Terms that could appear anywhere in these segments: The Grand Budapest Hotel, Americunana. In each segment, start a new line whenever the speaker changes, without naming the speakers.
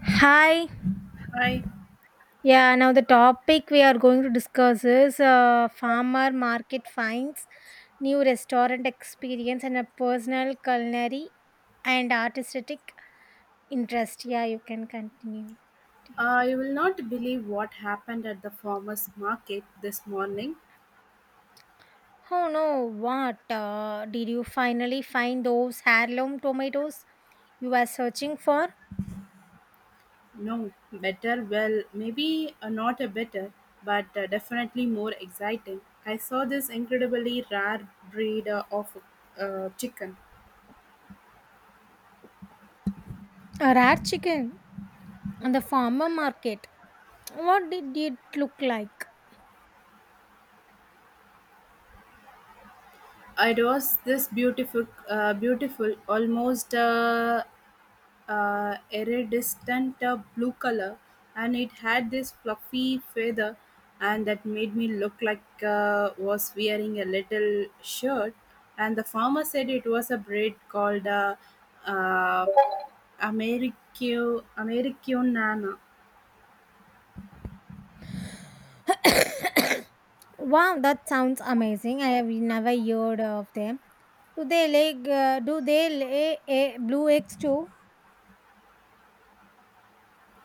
Hi.
I
Yeah, now the topic we are going to discuss is farmer market finds, new restaurant experience, and a personal culinary and artistic interest. Yeah, you can continue.
I will not believe what happened at the farmers market this morning.
Oh no, what? Did you finally find those heirloom tomatoes you were searching for?
No, better well, maybe not a better, but definitely more exciting. I saw this incredibly rare breed of chicken.
A rat chicken on the farmer market. What did it look like?
It was this beautiful, beautiful, almost iridescent blue color, and it had this fluffy feather, and that made me look like was wearing a little shirt. And the farmer said it was a breed called uh, Americunana.
Wow, that sounds amazing. I have never heard of them. Do they lay? Do they lay a blue eggs too?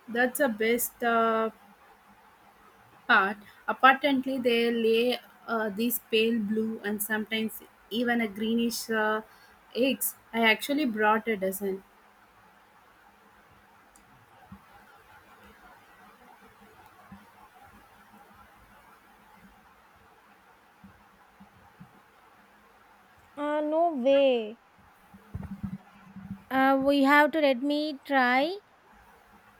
That's the best part. Apparently, they lay these pale blue and sometimes even a greenish eggs. I actually brought a dozen.
No way. We have to let me try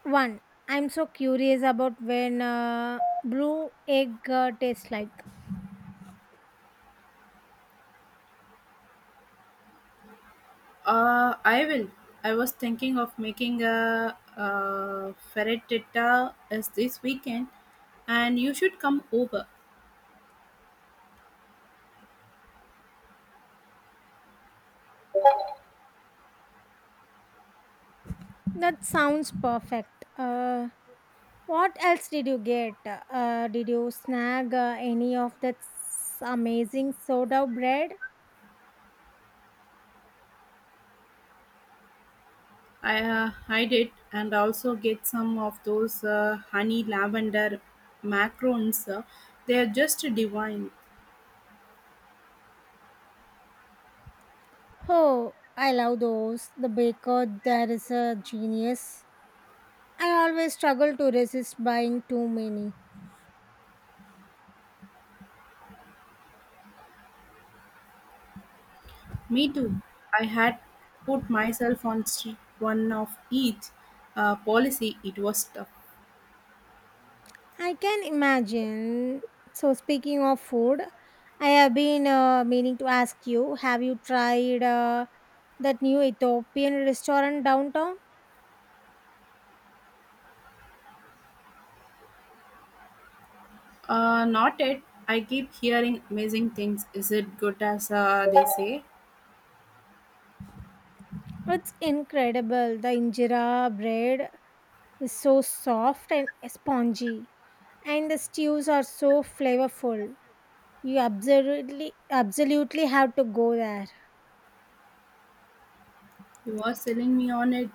one. I'm so curious about when blue egg tastes like.
I will. I was thinking of making a ferretita as this weekend, and you should come over.
That sounds perfect. What else did you get? Did you snag any of that amazing soda bread?
I hide it and also get some of those honey lavender macarons. They are just divine.
Oh, I love those. The baker there is a genius. I always struggle to resist buying too many.
Me too. I had put myself on street one of each policy. It was tough.
I can imagine. So speaking of food, I have been meaning to ask you, have you tried that new Ethiopian restaurant downtown?
Not it. I keep hearing amazing things. Is it good as they say?
It's incredible. The injera bread is so soft and spongy, and the stews are so flavorful. You absolutely have to go there.
You are selling me on it.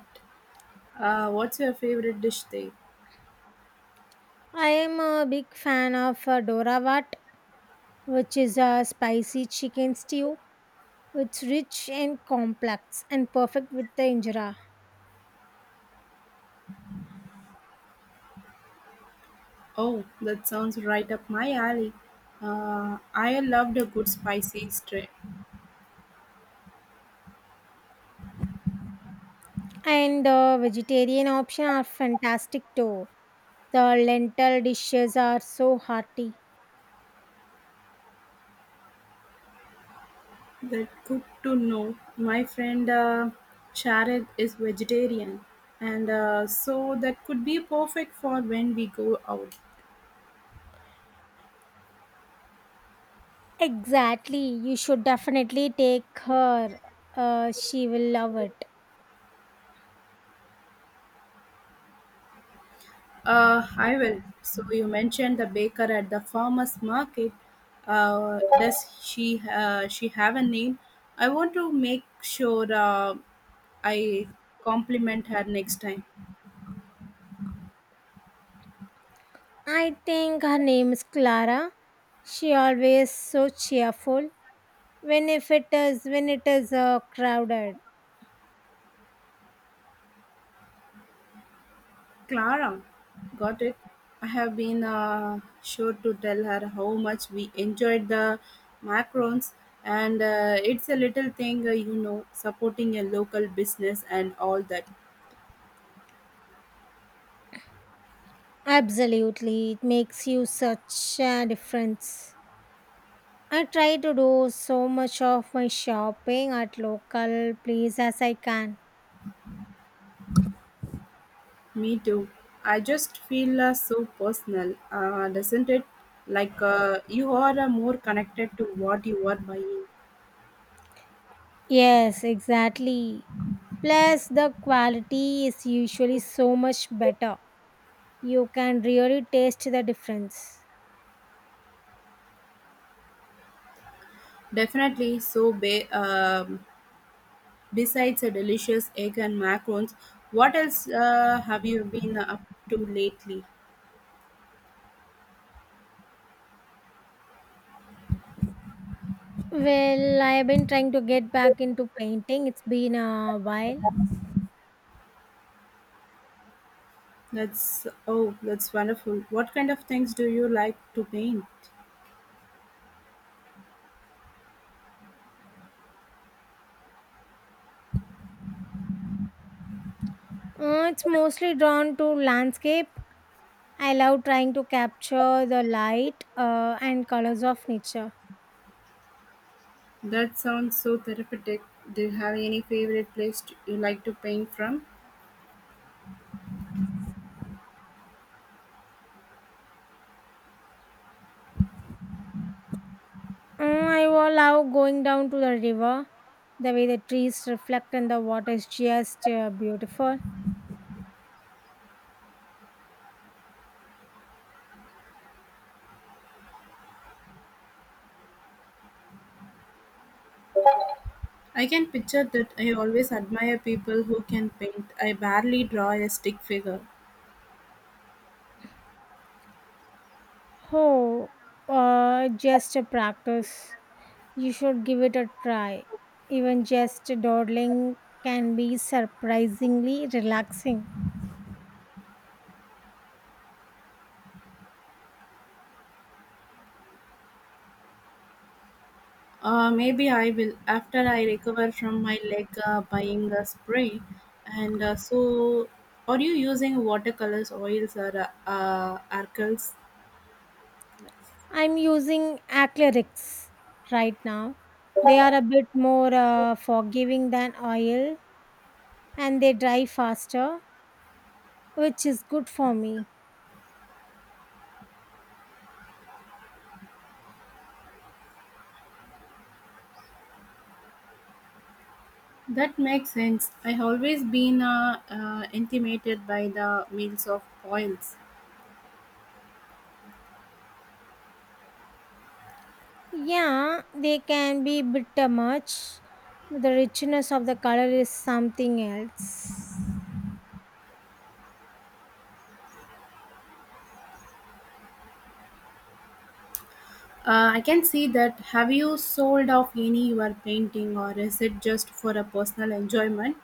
What's your favorite dish there?
I am a big fan of Doravat, which is a spicy chicken stew. It's rich and complex and perfect with the injera.
Oh, that sounds right up my alley. I loved a good spicy stew.
And the vegetarian options are fantastic too. The lentil dishes are so hearty.
That good to know. My friend Sharon is vegetarian, and so that could be perfect for when we go out.
Exactly, you should definitely take her. She will love it.
I will. So you mentioned the baker at the farmers market. Does she have a name? I want to make sure I compliment her next time.
I think her name is Clara. She always so cheerful when if it is when it is crowded.
Clara, got it. I have been sure to tell her how much we enjoyed the macarons, and it's a little thing, supporting a local business and all that.
Absolutely, it makes you such a difference. I try to do so much of my shopping at local place as I can.
Me too. I just feel so personal, doesn't it? Like you are more connected to what you are buying.
Yes, exactly. Plus, the quality is usually so much better. You can really taste the difference.
Definitely. So besides a delicious egg and macarons, what else have you been up to lately?
Well, I've been trying to get back into painting. It's been a while.
That's wonderful. What kind of things do you like to paint?
It's mostly drawn to landscape, I love trying to capture the light and colors of nature.
That sounds so therapeutic. Do you have any favorite place to, you like to paint from?
Mm, I will love going down to the river. The way the trees reflect in the water is just beautiful.
I can picture that. I always admire people who can paint. I barely draw a stick figure.
Oh, just a practice. You should give it a try. Even just dawdling can be surprisingly relaxing.
Maybe I will after I recover from my leg buying a spray. And so, are you using watercolors, oils, or arcles?
I'm using acrylics right now. They are a bit more forgiving than oil, and they dry faster, which is good for me.
That makes sense. I always been intimidated by the meals of oils.
Yeah, they can be bitter much. The richness of the color is something else.
I can see that. Have you sold off any your painting, or is it just for a personal enjoyment?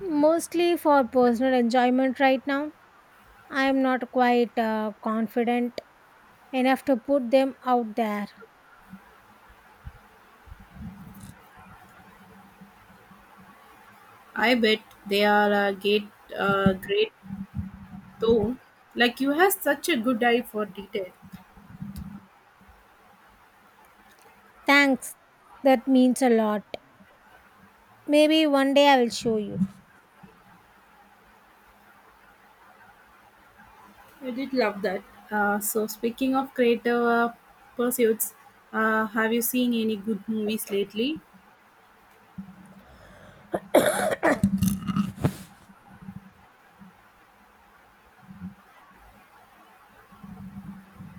Mostly for personal enjoyment right now. I am not quite confident enough to put them out there.
I bet they are great though. Like you have such a good eye for detail.
Thanks. That means a lot. Maybe one day I will show you.
I did love that. So speaking of creative pursuits, have you seen any good movies lately?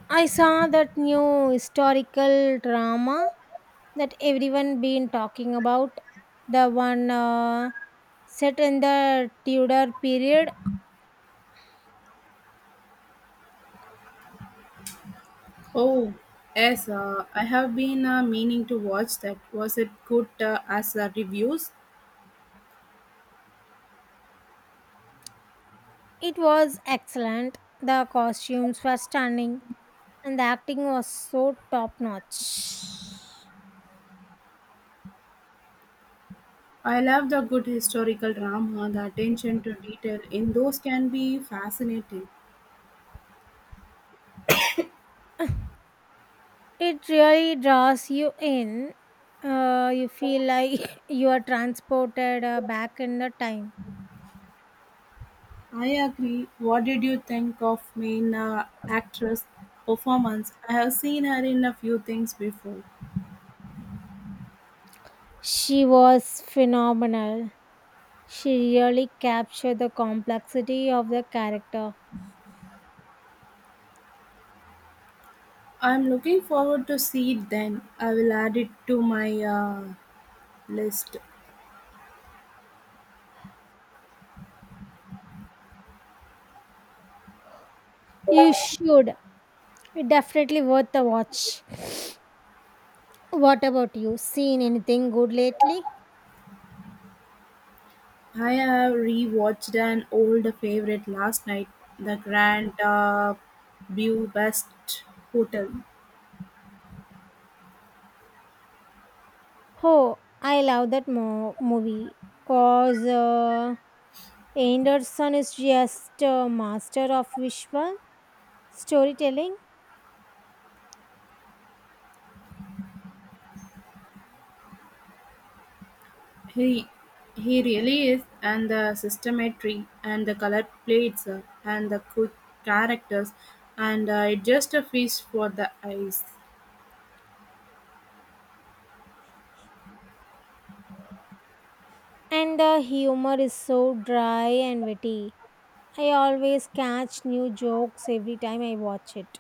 I saw that new historical drama that everyone been talking about. The one set in the Tudor period.
Oh, yes. I have been meaning to watch that. Was it good as reviews?
It was excellent. The costumes were stunning and the acting was so top notch.
I love the good historical drama. The attention to detail in those can be fascinating.
It really draws you in. You feel like you are transported back in the time.
I agree. What did you think of main actress performance? I have seen her in a few things before.
She was phenomenal. She really captured the complexity of the character.
I'm looking forward to see it then. I will add it to my list.
You should. Definitely worth the watch. What about you? Seen anything good lately?
I have rewatched an old favorite last night, The Grand Budapest Hotel.
Oh, I love that movie because Anderson is just a master of visual storytelling,
He he really is, and the systemetry, and the color plates, and the good characters, and it just a feast for the eyes.
and the humor is so dry and witty. I always catch new jokes every time I watch it.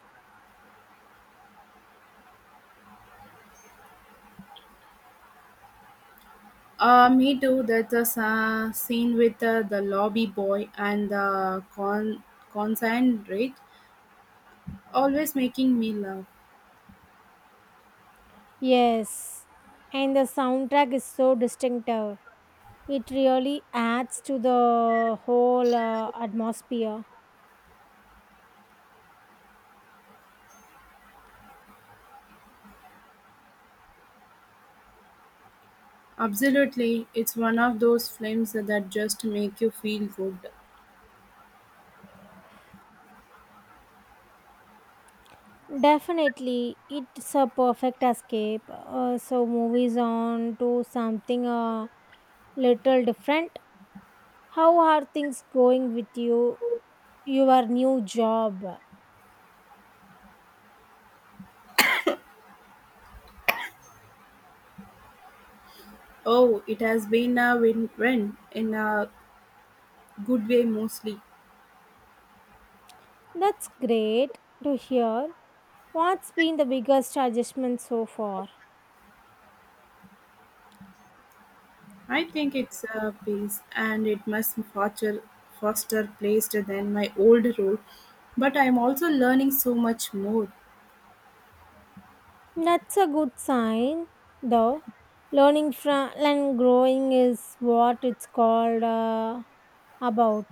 Me too. There's a scene with the lobby boy and the concentrate, always making me laugh.
Yes, and the soundtrack is so distinctive. It really adds to the whole atmosphere.
Absolutely, it's one of those films that just make you feel good.
Definitely, it's a perfect escape. So movies on to something a little different. How are things going with you, your new job?
Oh, it has been a win-win in a good way mostly.
That's great to hear. What's been the biggest adjustment so far?
I think it's a piece and it must foster placed than my old role. But I'm also learning so much more.
That's a good sign, though. Learning from and growing is what it's called about.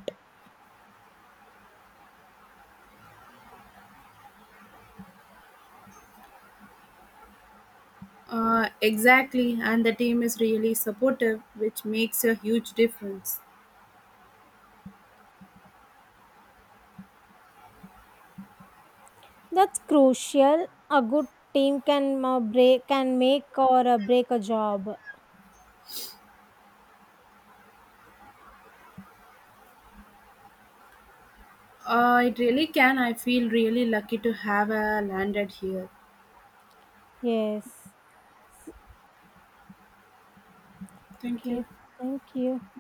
Exactly, and the team is really supportive, which makes a huge difference.
That's crucial. A good team can break can make or break a job.
It really can. I feel really lucky to have landed here.
Yes.
Thank you.
Okay. Thank you.